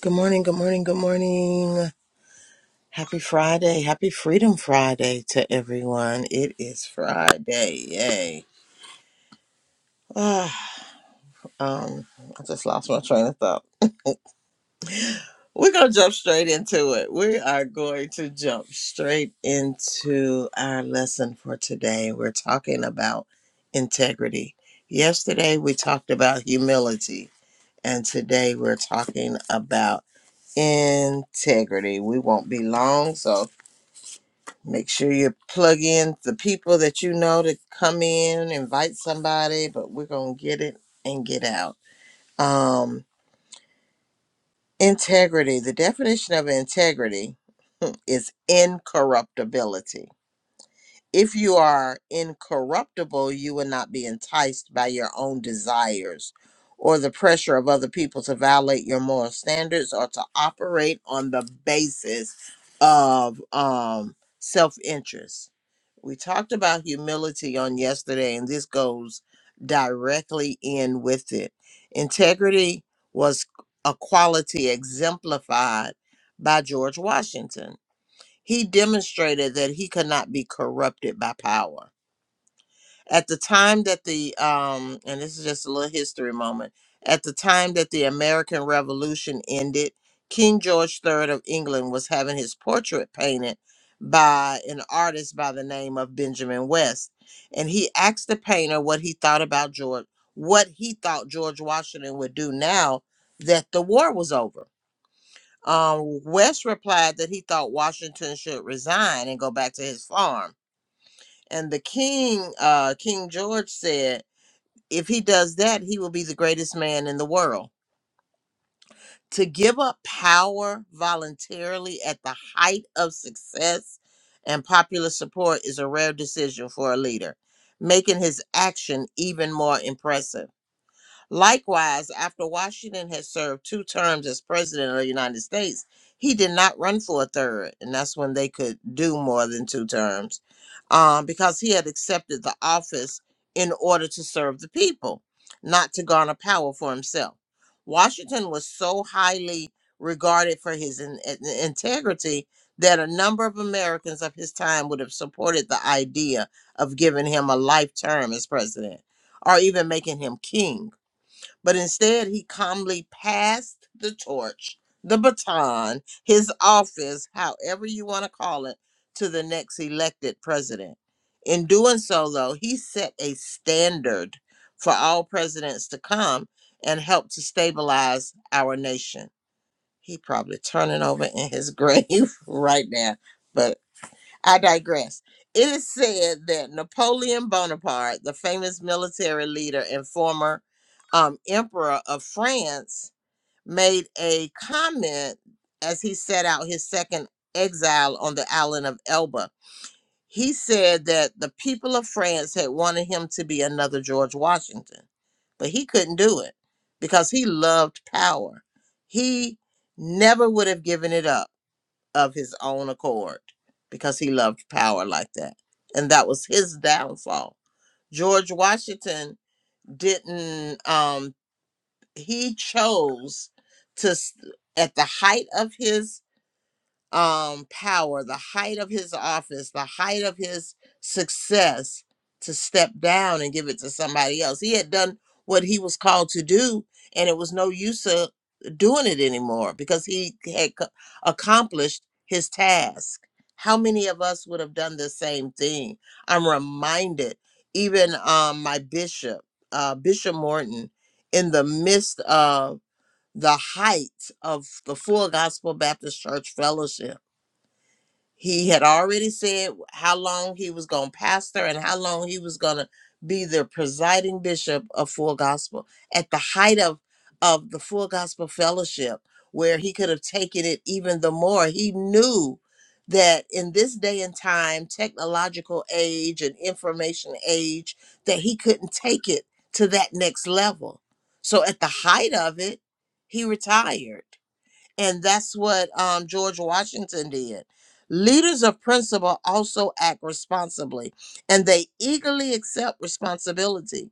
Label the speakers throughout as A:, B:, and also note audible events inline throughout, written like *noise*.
A: Good morning, good morning, good morning. Happy Friday. Happy Freedom Friday to everyone. It is Friday. Yay. Ah, um, I just lost my train of thought. We're going to jump straight into it. We are going to jump straight into our lesson for today. We're talking about integrity. Yesterday, we talked about humility, and today, we're talking about integrity. We won't be long, so Make sure you plug in the people that you know to come in, invite somebody, but we're going to get it and get out. Um, integrity. The definition of integrity is incorruptibility. If you are incorruptible, you will not be enticed by your own desires or the pressure of other people to violate your moral standards or to operate on the basis of um, self interest. We talked about humility on yesterday, and this goes directly in with it. Integrity was a quality exemplified by George Washington he demonstrated that he could not be corrupted by power. At the time that the, um, and this is just a little history moment, at the time that the American Revolution ended, King George III of England was having his portrait painted by an artist by the name of Benjamin West. And he asked the painter what he thought about George, what he thought George Washington would do now that the war was over. Um, West replied that he thought Washington should resign and go back to his farm. And the king, uh, King George, said, if he does that, he will be the greatest man in the world. To give up power voluntarily at the height of success and popular support is a rare decision for a leader, making his action even more impressive. Likewise, after Washington had served two terms as president of the United States, he did not run for a third, and that's when they could do more than two terms, um, because he had accepted the office in order to serve the people, not to garner power for himself. Washington was so highly regarded for his in, in- integrity that a number of Americans of his time would have supported the idea of giving him a life term as president or even making him king but instead he calmly passed the torch, the baton, his office, however you want to call it, to the next elected president. In doing so, though, he set a standard for all presidents to come and help to stabilize our nation. He probably turning over in his *laughs* grave right now, but. I digress. It is said that Napoleon Bonaparte, the famous military leader and former um, emperor of France, made a comment as he set out his second exile on the island of Elba. He said that the people of France had wanted him to be another George Washington, but he couldn't do it because he loved power. He never would have given it up of his own accord because he loved power like that. And that was his downfall. George Washington didn't, um, he chose to, s- at the height of his um, power, the height of his office, the height of his success to step down and give it to somebody else. He had done what he was called to do, and it was no use of doing it anymore because he had co- accomplished his task. How many of us would have done the same thing? I'm reminded, even um, my bishop, uh, Bishop Morton, in the midst of the height of the Full Gospel Baptist Church Fellowship he had already said how long he was going to pastor and how long he was going to be the presiding bishop of Full Gospel at the height of of the Full Gospel Fellowship, where he could have taken it even the more. He knew that in this day and time, technological age and information age, that he couldn't take it to that next level. So at the height of it, he retired and that's what um, George Washington did. Leaders of principle also act responsibly, and they eagerly accept responsibility.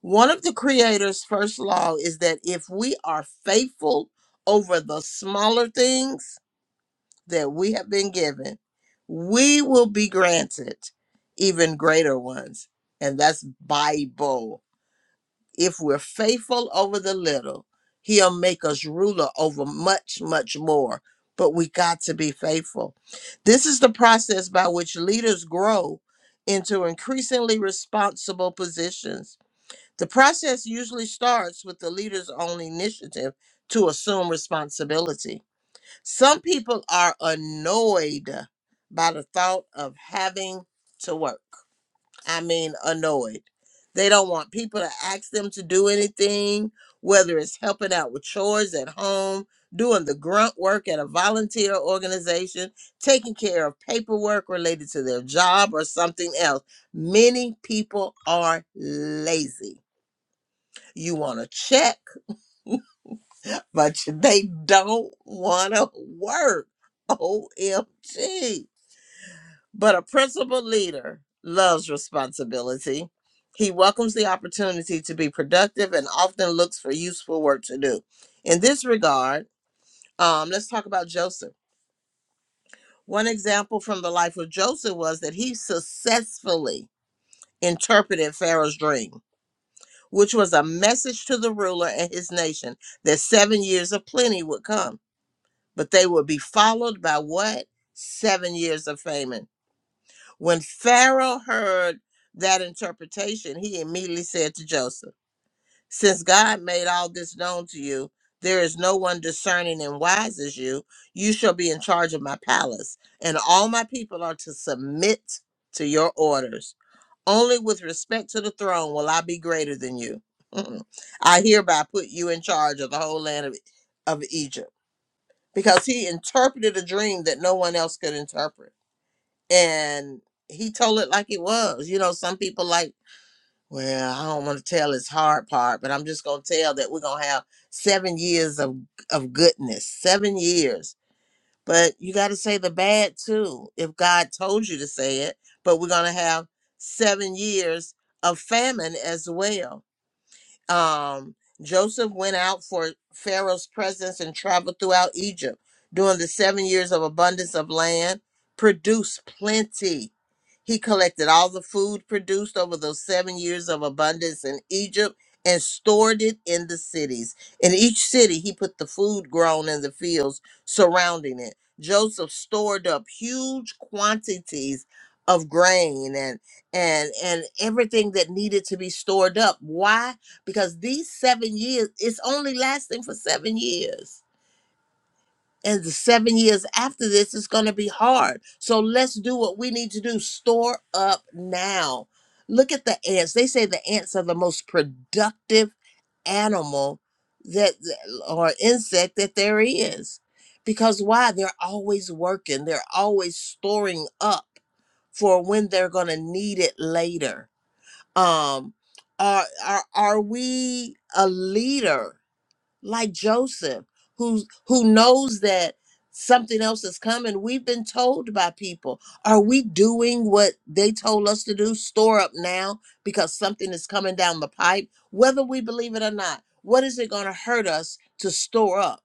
A: One of the Creator's first law is that if we are faithful over the smaller things that we have been given, we will be granted even greater ones. And that's Bible if we're faithful over the little, he'll make us ruler over much, much more. But we got to be faithful. This is the process by which leaders grow into increasingly responsible positions. The process usually starts with the leader's own initiative to assume responsibility. Some people are annoyed by the thought of having to work I mean, annoyed. They don't want people to ask them to do anything, whether it's helping out with chores at home, doing the grunt work at a volunteer organization, taking care of paperwork related to their job or something else. Many people are lazy. You want to check, but *laughs* they don't want to work. OMG. But a principal leader loves responsibility. He welcomes the opportunity to be productive and often looks for useful work to do. In this regard, um, let's talk about Joseph. One example from the life of Joseph was that he successfully interpreted Pharaoh's dream, which was a message to the ruler and his nation that seven years of plenty would come, but they would be followed by what? Seven years of famine. When Pharaoh heard that interpretation, he immediately said to Joseph, Since God made all this known to you, there is no one discerning and wise as you. You shall be in charge of my palace, and all my people are to submit to your orders. Only with respect to the throne will I be greater than you. Mm. I hereby put you in charge of the whole land of, of Egypt. Because he interpreted a dream that no one else could interpret and he told it like it was. You know, some people like, well, I don't want to tell his hard part, but I'm just gonna tell that we're gonna have seven years of of goodness, seven years. But you got to say the bad too, if God told you to say it. But we're gonna have seven years of famine as well um, Joseph went out for Pharaoh's presence and traveled throughout Egypt. During the seven years of abundance of land, produced plenty. He collected all the food produced over those seven years of abundance in Egypt and stored it in the cities. In each city, he put the food grown in the fields surrounding it. Joseph stored up huge quantities of grain and and and everything that needed to be stored up. Why? because these seven years it's only lasting for seven years and the seven years after this is going to be hard so let's do what we need to do store up now look at the ants they say the ants are the most productive animal that or insect that there is because why they're always working they're always storing up for when they're going to need it later um, are, are, are we a leader? like Joseph, who who knows that something else is coming. We've been told by people, are we doing what they told us to do? Store up now because something is coming down the pipe, whether we believe it or not. What is it going to hurt us to store up?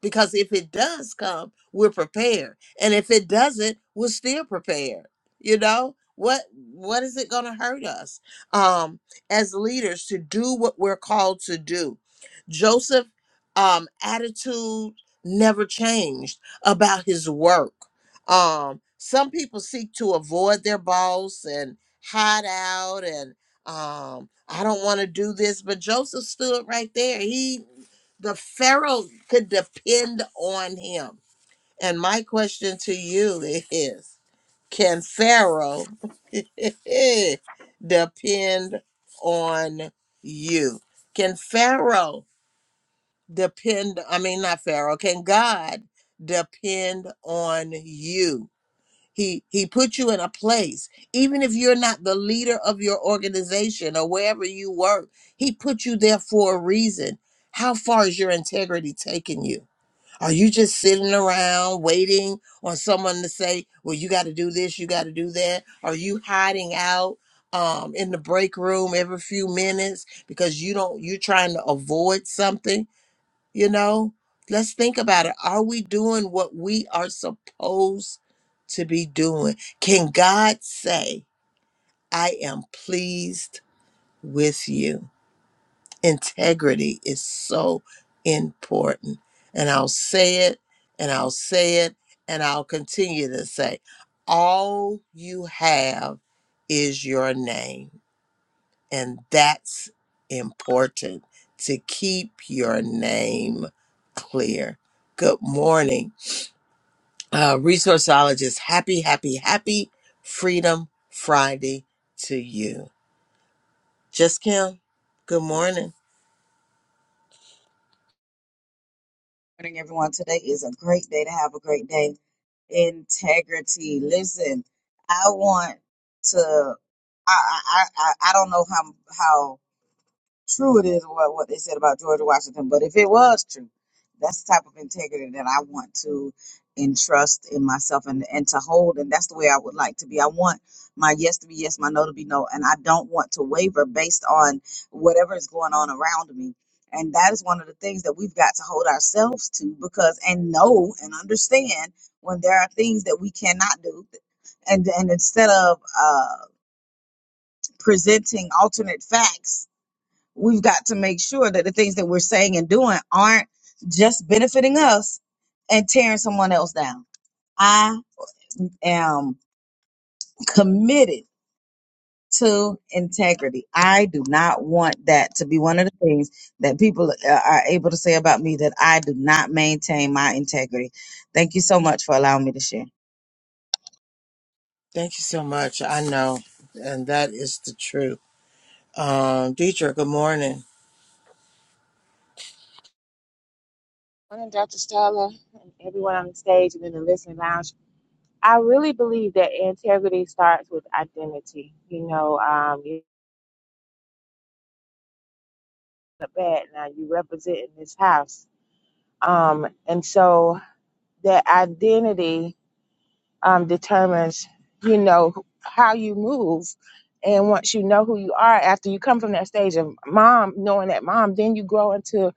A: Because if it does come, we're prepared. And if it doesn't, we're still prepared. You know? What what is it going to hurt us um as leaders to do what we're called to do? Joseph um attitude never changed about his work um some people seek to avoid their boss and hide out and um i don't want to do this but joseph stood right there he the pharaoh could depend on him and my question to you is can pharaoh *laughs* depend on you can pharaoh depend i mean not pharaoh can god depend on you he he put you in a place even if you're not the leader of your organization or wherever you work he put you there for a reason how far is your integrity taking you are you just sitting around waiting on someone to say well you got to do this you got to do that are you hiding out um in the break room every few minutes because you don't you're trying to avoid something you know, let's think about it. Are we doing what we are supposed to be doing? Can God say, I am pleased with you? Integrity is so important. And I'll say it, and I'll say it, and I'll continue to say, all you have is your name and that's important to keep your name clear. Good morning, uh, resourceologist. Happy, happy, happy Freedom Friday to you. Just Kim, good morning.
B: morning, everyone. Today is a great day to have a great day. Integrity. Listen, I want to. I I I, I I don't know how how true it is what, what they said about George Washington, but if it was true, that's the type of integrity that I want to entrust in myself and, and to hold. And that's the way I would like to be. I want my yes to be yes, my no to be no. And I don't want to waver based on whatever is going on around me. And that is one of the things that we've got to hold ourselves to because, and know and understand when there are things that we cannot do. And, and instead of uh, presenting alternate facts we've got to make sure that the things that we're saying and doing aren't just benefiting us and tearing someone else down. I am committed to integrity. I do not want that to be one of the things that people uh, are able to say about me that I do not maintain my integrity. Thank you so much for allowing me to share.
A: Thank you so much. I know, and that is the truth. Um, Deidre, good morning.
C: morning, Dr. Stella, and everyone on the stage and in the listening lounge. I really believe that integrity starts with identity. You know, um, you're a bad now, you represent in this house. Um, and so that identity um, determines, you know, how you move. And once you know who you are, after you come from that stage of mom, knowing that mom, then you grow into,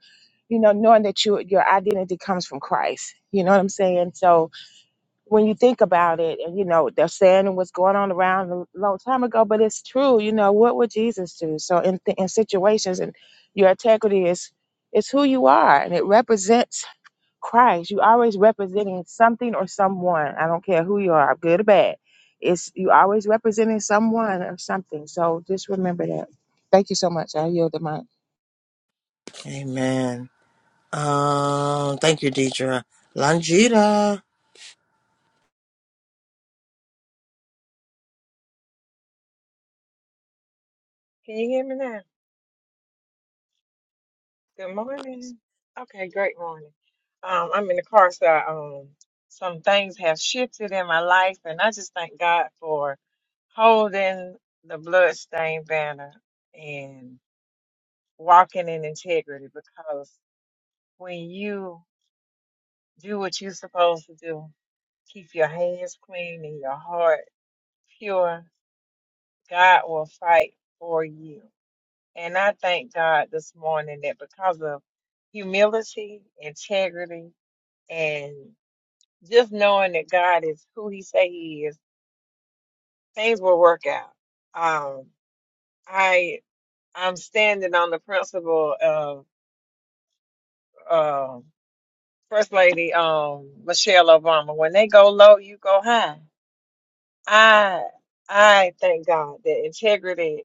C: you know, knowing that you, your identity comes from Christ. You know what I'm saying? So, when you think about it, and you know, they're saying what's going on around a long time ago, but it's true. You know, what would Jesus do? So in th- in situations, and your integrity is is who you are, and it represents Christ. You always representing something or someone. I don't care who you are, good or bad. It's you always representing someone or something. So just remember that. Thank you so much. I yield the mic.
A: Amen. Um, thank you, Deidre. Langita.
D: Can you hear me now? Good morning. Okay, great morning. Um, I'm in the car, so um, some things have shifted in my life, and I just thank God for holding the bloodstained banner and walking in integrity. Because when you do what you're supposed to do, keep your hands clean and your heart pure, God will fight for you. And I thank God this morning that because of humility, integrity, and just knowing that God is who He say He is, things will work out. Um, I I'm standing on the principle of um First Lady um, Michelle Obama. When they go low, you go high. I I thank God that integrity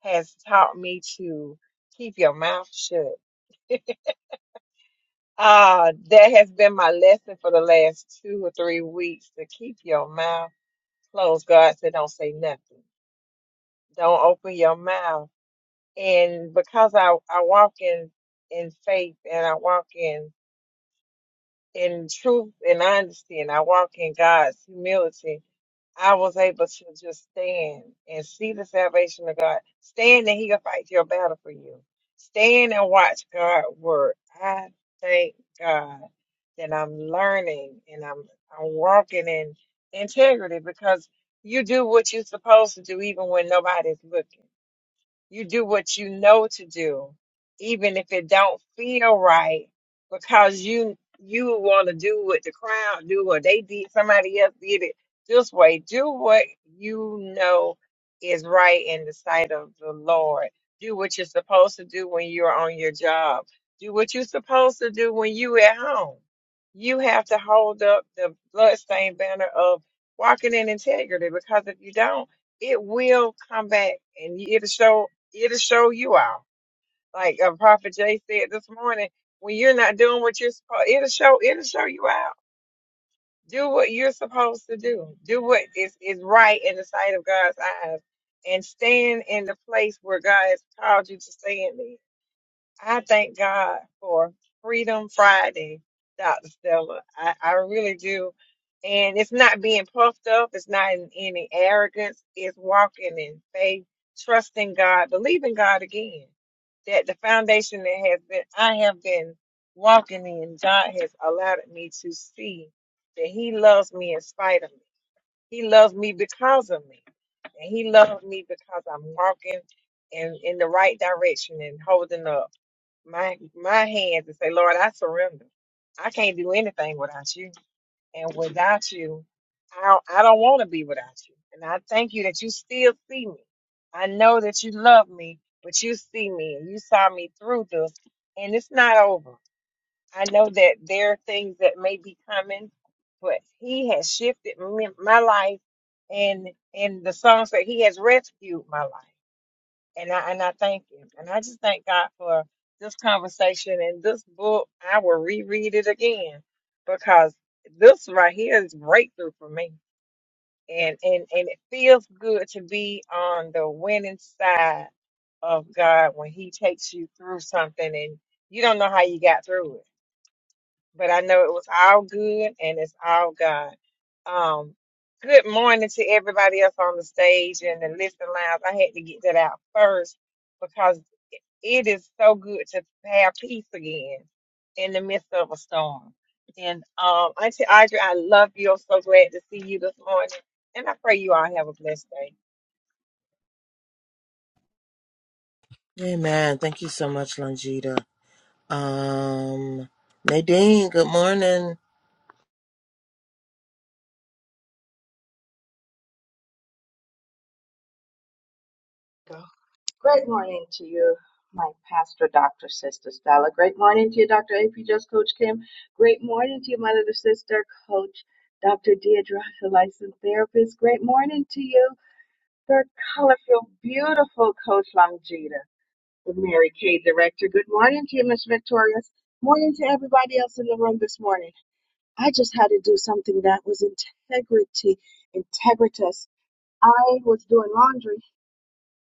D: has taught me to keep your mouth shut Ah, that has been my lesson for the last two or three weeks to keep your mouth closed. God said, don't say nothing. Don't open your mouth. And because I, I walk in, in faith and I walk in, in truth and honesty and I walk in God's humility, I was able to just stand and see the salvation of God. Stand and He'll fight your battle for you. Stand and watch God work. I thank God that I'm learning and I'm I'm walking in integrity because you do what you're supposed to do even when nobody's looking. You do what you know to do, even if it don't feel right, because you you want to do what the crowd do or they did somebody else did it this way. Do what you know is right in the sight of the Lord. Do what you're supposed to do when you're on your job. Do what you're supposed to do when you at home. You have to hold up the bloodstained banner of walking in integrity because if you don't, it will come back and you- it'll show it'll show you out. Like uh, Prophet Jay said this morning, when you're not doing what you're supposed, it'll show it'll show you out. Do what you're supposed to do. Do what is is right in the sight of God's eyes, and stand in the place where God has called you to stand in. I thank God for Freedom Friday, Dr. Stella. I, I really do. And it's not being puffed up, it's not in any arrogance, it's walking in faith, trusting God, believing God again. That the foundation that has been I have been walking in, God has allowed me to see that He loves me in spite of me. He loves me because of me. And He loves me because I'm walking in, in the right direction and holding up my my hands and say, Lord, I surrender. I can't do anything without you. And without you, I don't, I don't want to be without you. And I thank you that you still see me. I know that you love me, but you see me and you saw me through this. And it's not over. I know that there are things that may be coming, but he has shifted me, my life and and the songs that he has rescued my life and I and I thank him. And I just thank God for this conversation and this book. I will reread it again because this right here is breakthrough for me. And and and it feels good to be on the winning side of God when He takes you through something and you don't know how you got through it. But I know it was all good and it's all God. Um good morning to everybody else on the stage and the listening lounge. I had to get that out first because it is so good to have peace again in the midst of a storm. And um, Auntie Audrey, I love you. I'm so glad to see you this morning. And I pray you all have a blessed day.
A: Amen. Thank you so much, Langita. Um, Nadine, good morning.
E: Go. Great morning to you, my pastor, Dr. Sister Stella. Great morning to you, Dr. AP Just Coach Kim. Great morning to you, my little sister, Coach Dr. Deidre, the licensed therapist. Great morning to you, third colorful, beautiful Coach Longita, the Mary Kay director. Good morning to you, Miss Victorious. Morning to everybody else in the room this morning. I just had to do something that was integrity, integritus. I was doing laundry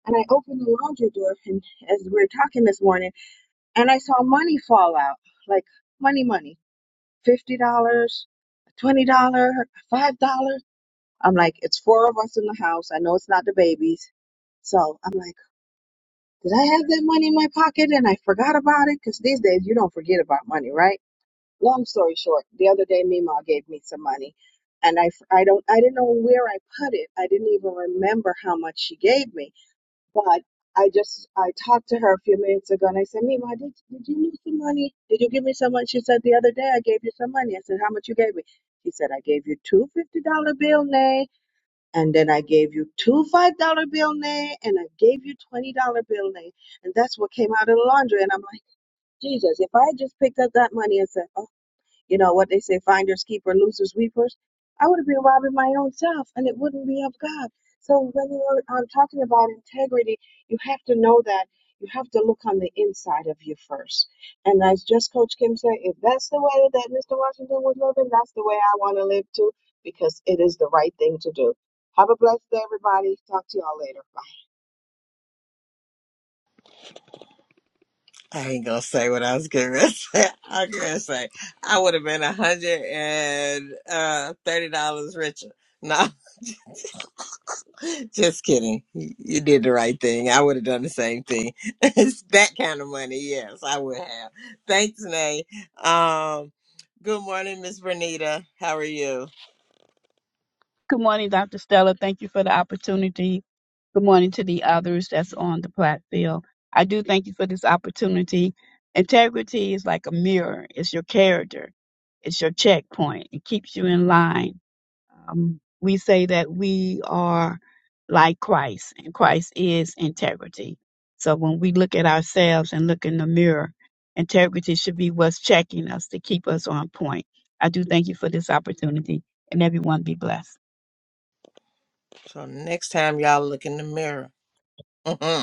E: and I opened the laundry door and as we were talking this morning and I saw money fall out. Like money money. Fifty dollars, twenty dollar, five dollar. I'm like, it's four of us in the house. I know it's not the babies. So I'm like, did I have that money in my pocket and I forgot about it? Because these days you don't forget about money, right? Long story short, the other day Mima gave me some money, and I, I don't I didn't know where I put it. I didn't even remember how much she gave me. But I just I talked to her a few minutes ago and I said, Mima, did did you lose some money? Did you give me some money? She said the other day I gave you some money. I said, How much you gave me? She said, I gave you two fifty dollar bill, Nay, and then I gave you two five dollar bill, Nay, and I gave you twenty dollar bill, Nay. And that's what came out of the laundry. And I'm like, Jesus, if I had just picked up that money and said, you know what they say, finders, keepers, losers, weepers. I would have been robbing my own self and it wouldn't be of God. So when you're um, talking about integrity, you have to know that you have to look on the inside of you first. And as just Coach Kim said, if that's the way that Mr. Washington was living, that's the way I want to live too, because it is the right thing to do. Have a blessed day, everybody. Talk to y'all later. Bye.
A: I ain't gonna say what I was gonna *laughs* say. I'm gonna say I would have been a hundred and uh, thirty dollars richer. No, *laughs* just kidding. You you did the right thing. I would have done the same thing. *laughs* it's that kind of money. Yes, I would have. Thanks, Nay. Um, good morning, Miss Bernita. How are you?
F: Good morning, Dr. Stella. Thank you for the opportunity. Good morning to the others that's on the platform. I do thank you for this opportunity. Integrity is like a mirror, it's your character, it's your checkpoint, it keeps you in line. Um, we say that we are like Christ, and Christ is integrity. So when we look at ourselves and look in the mirror, integrity should be what's checking us to keep us on point. I do thank you for this opportunity, and everyone be blessed.
A: So next time y'all look in the mirror. *laughs*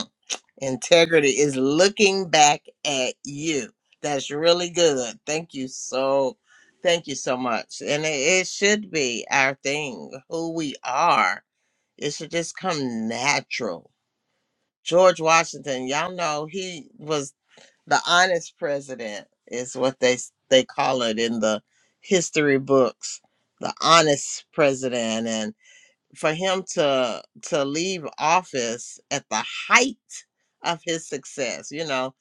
A: Integrity is looking back at you. That's really good. Thank you so thank you so much. And it, it should be our thing, who we are. It should just come natural. George Washington, y'all know he was the honest president is what they s- they call it in the history books. The honest president for him to to leave office at the height of his success you know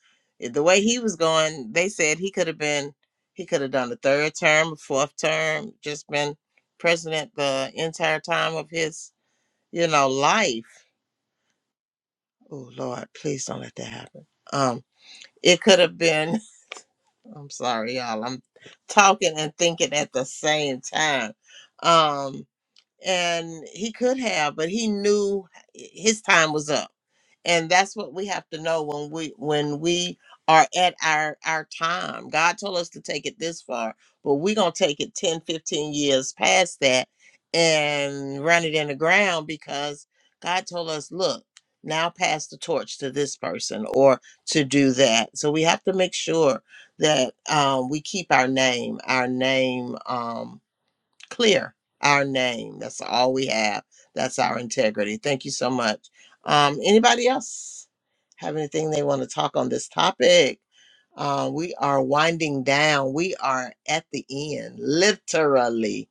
A: i- the way he was going they said he could have been he could have done a third term a fourth term just been president the entire time of his you know life oh lord please don't let that happen um it could have been *laughs* i'm sorry y'all i'm talking and thinking at the same time Um, and he could have but he knew his time was up and that's what we have to know when we when we are at our our time god told us to take it this far but we're gonna take it 10, 15 years past that and run it in the ground because god told us look now pass the torch to this person or to do that so we have to make sure that um, we keep our name our name um, clear our name. That's all we have. That's our integrity. Thank you so much. Um, anybody else have anything they want to talk on this topic? Uh, we are winding down. We are at the end, literally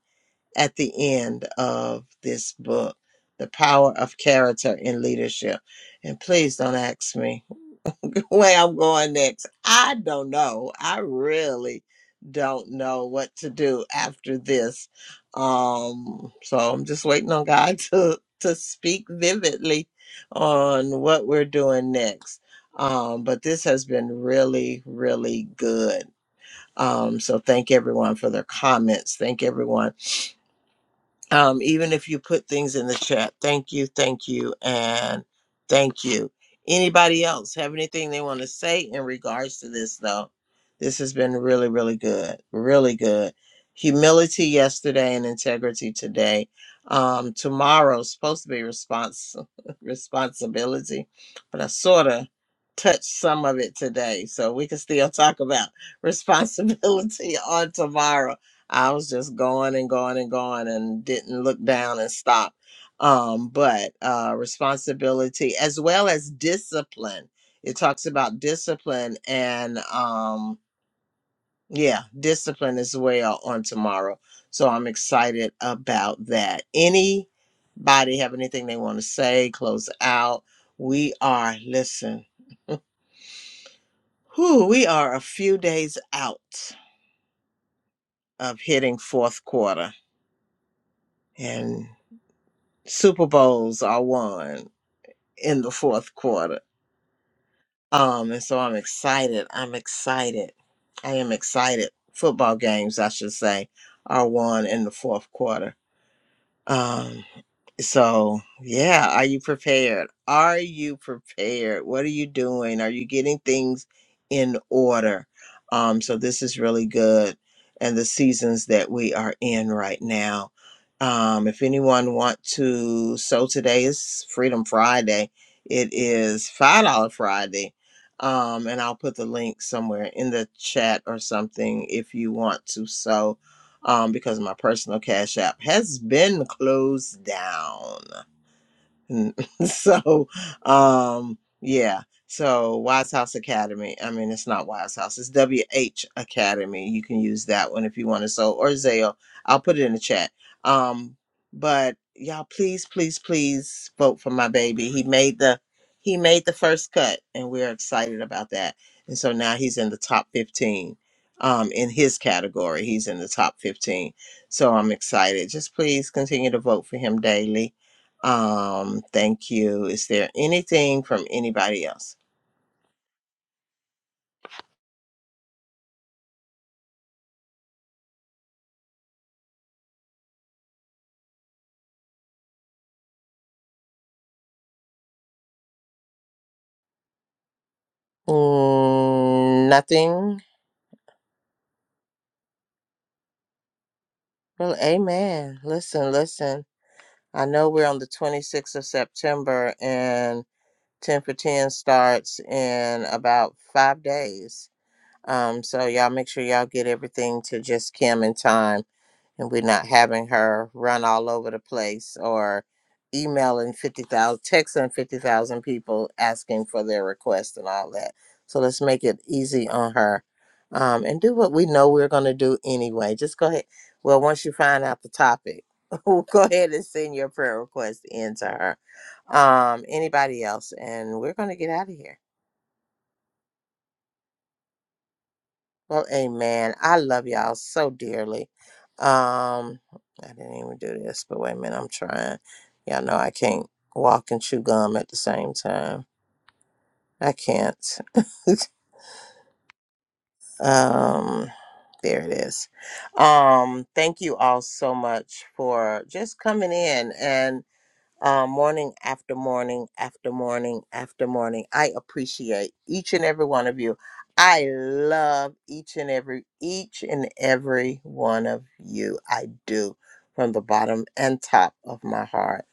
A: at the end of this book, The Power of Character in Leadership. And please don't ask me where I'm going next. I don't know. I really don't know what to do after this. Um, so I'm just waiting on God *laughs* to to speak vividly on what we're doing next. Um, but this has been really, really good. Um, so thank everyone for their comments. Thank everyone um, even if you put things in the chat. Thank you, thank you, and thank you. Anybody else have anything they want to say in regards to this, though? This has been really, really good. Really good. Humility yesterday and integrity today. Um, tomorrow's supposed to be response *laughs* responsibility, but I sort of touched some of it today. So we can still talk about *laughs* responsibility on tomorrow I was just going and going and going and didn't look down and stop. Um, but uh, responsibility as well as discipline. It talks about discipline and um, yeah, discipline as well on tomorrow. So I'm excited about that. Anybody have anything they want to say? Close out. We are listen. Whew, we are a few days out of hitting fourth quarter. and. Super Bowls are won in the fourth quarter. Um, and so I'm excited. I'm excited. I am excited. Football games, I should say, are won in the fourth quarter. Um. So, yeah, are you prepared? Are you prepared? What are you doing? Are you getting things in order? Um, so this is really good and the seasons that we are in right now. Um, if anyone want to so today is Freedom Friday. It is five dollar Friday. Um, and I'll put the link somewhere in the chat or something if you want to sew um, because my personal cash app has been closed down. *laughs* so um yeah so wise house academy i mean it's not wise house it's wh academy you can use that one if you want to so or zale i'll put it in the chat um but y'all please please please vote for my baby he made the he made the first cut and we're excited about that and so now he's in the top 15 um in his category he's in the top 15 so i'm excited just please continue to vote for him daily um, thank you. Is there anything from anybody else? Mm, nothing. Well, amen. Listen, listen. I know we're on the 26th of September and 10 for 10 starts in about five days. Um, so y'all make sure y'all get everything to just Kim in time and we're not having her run all over the place or emailing 50,000, texting 50,000 people asking for their request and all that. So let's make it easy on her um, and do what we know we're going to do anyway. Just go ahead. Well, once you find out the topic, *laughs* go ahead and send your prayer request in to her. Um, anybody else? And we're going to get out of here. Well, amen. I love y'all so dearly. Um, I didn't even do this, but wait a minute, I'm trying. Y'all know I can't walk and chew gum at the same time. I can't. *laughs* um, there it is. Um, thank you all so much for just coming in. and. uh, morning after morning after morning after morning. I appreciate each and every one of you. I love each and every each and every one of you. I do from the bottom and top of my heart.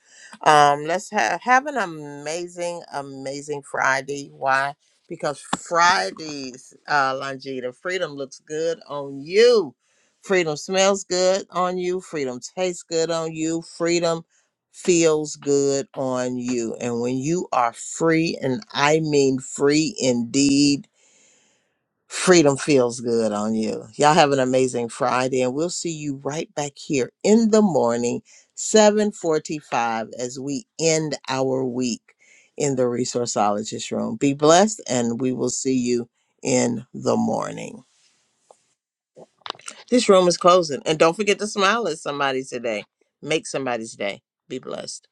A: Um, let's have have an amazing, amazing Friday. Why? Because Fridays, uh, Longita, freedom looks good on you. Freedom smells good on you. Freedom tastes good on you. Freedom feels good on you. And when you are free, and I mean free indeed, freedom feels good on you. Y'all have an amazing Friday, and we'll see you right back here in the morning, 745, as we end our week in the resourceologist room. Be blessed, and we will see you in the morning. This room is closing. And don't forget to smile at somebody today. Make somebody's day. Be blessed.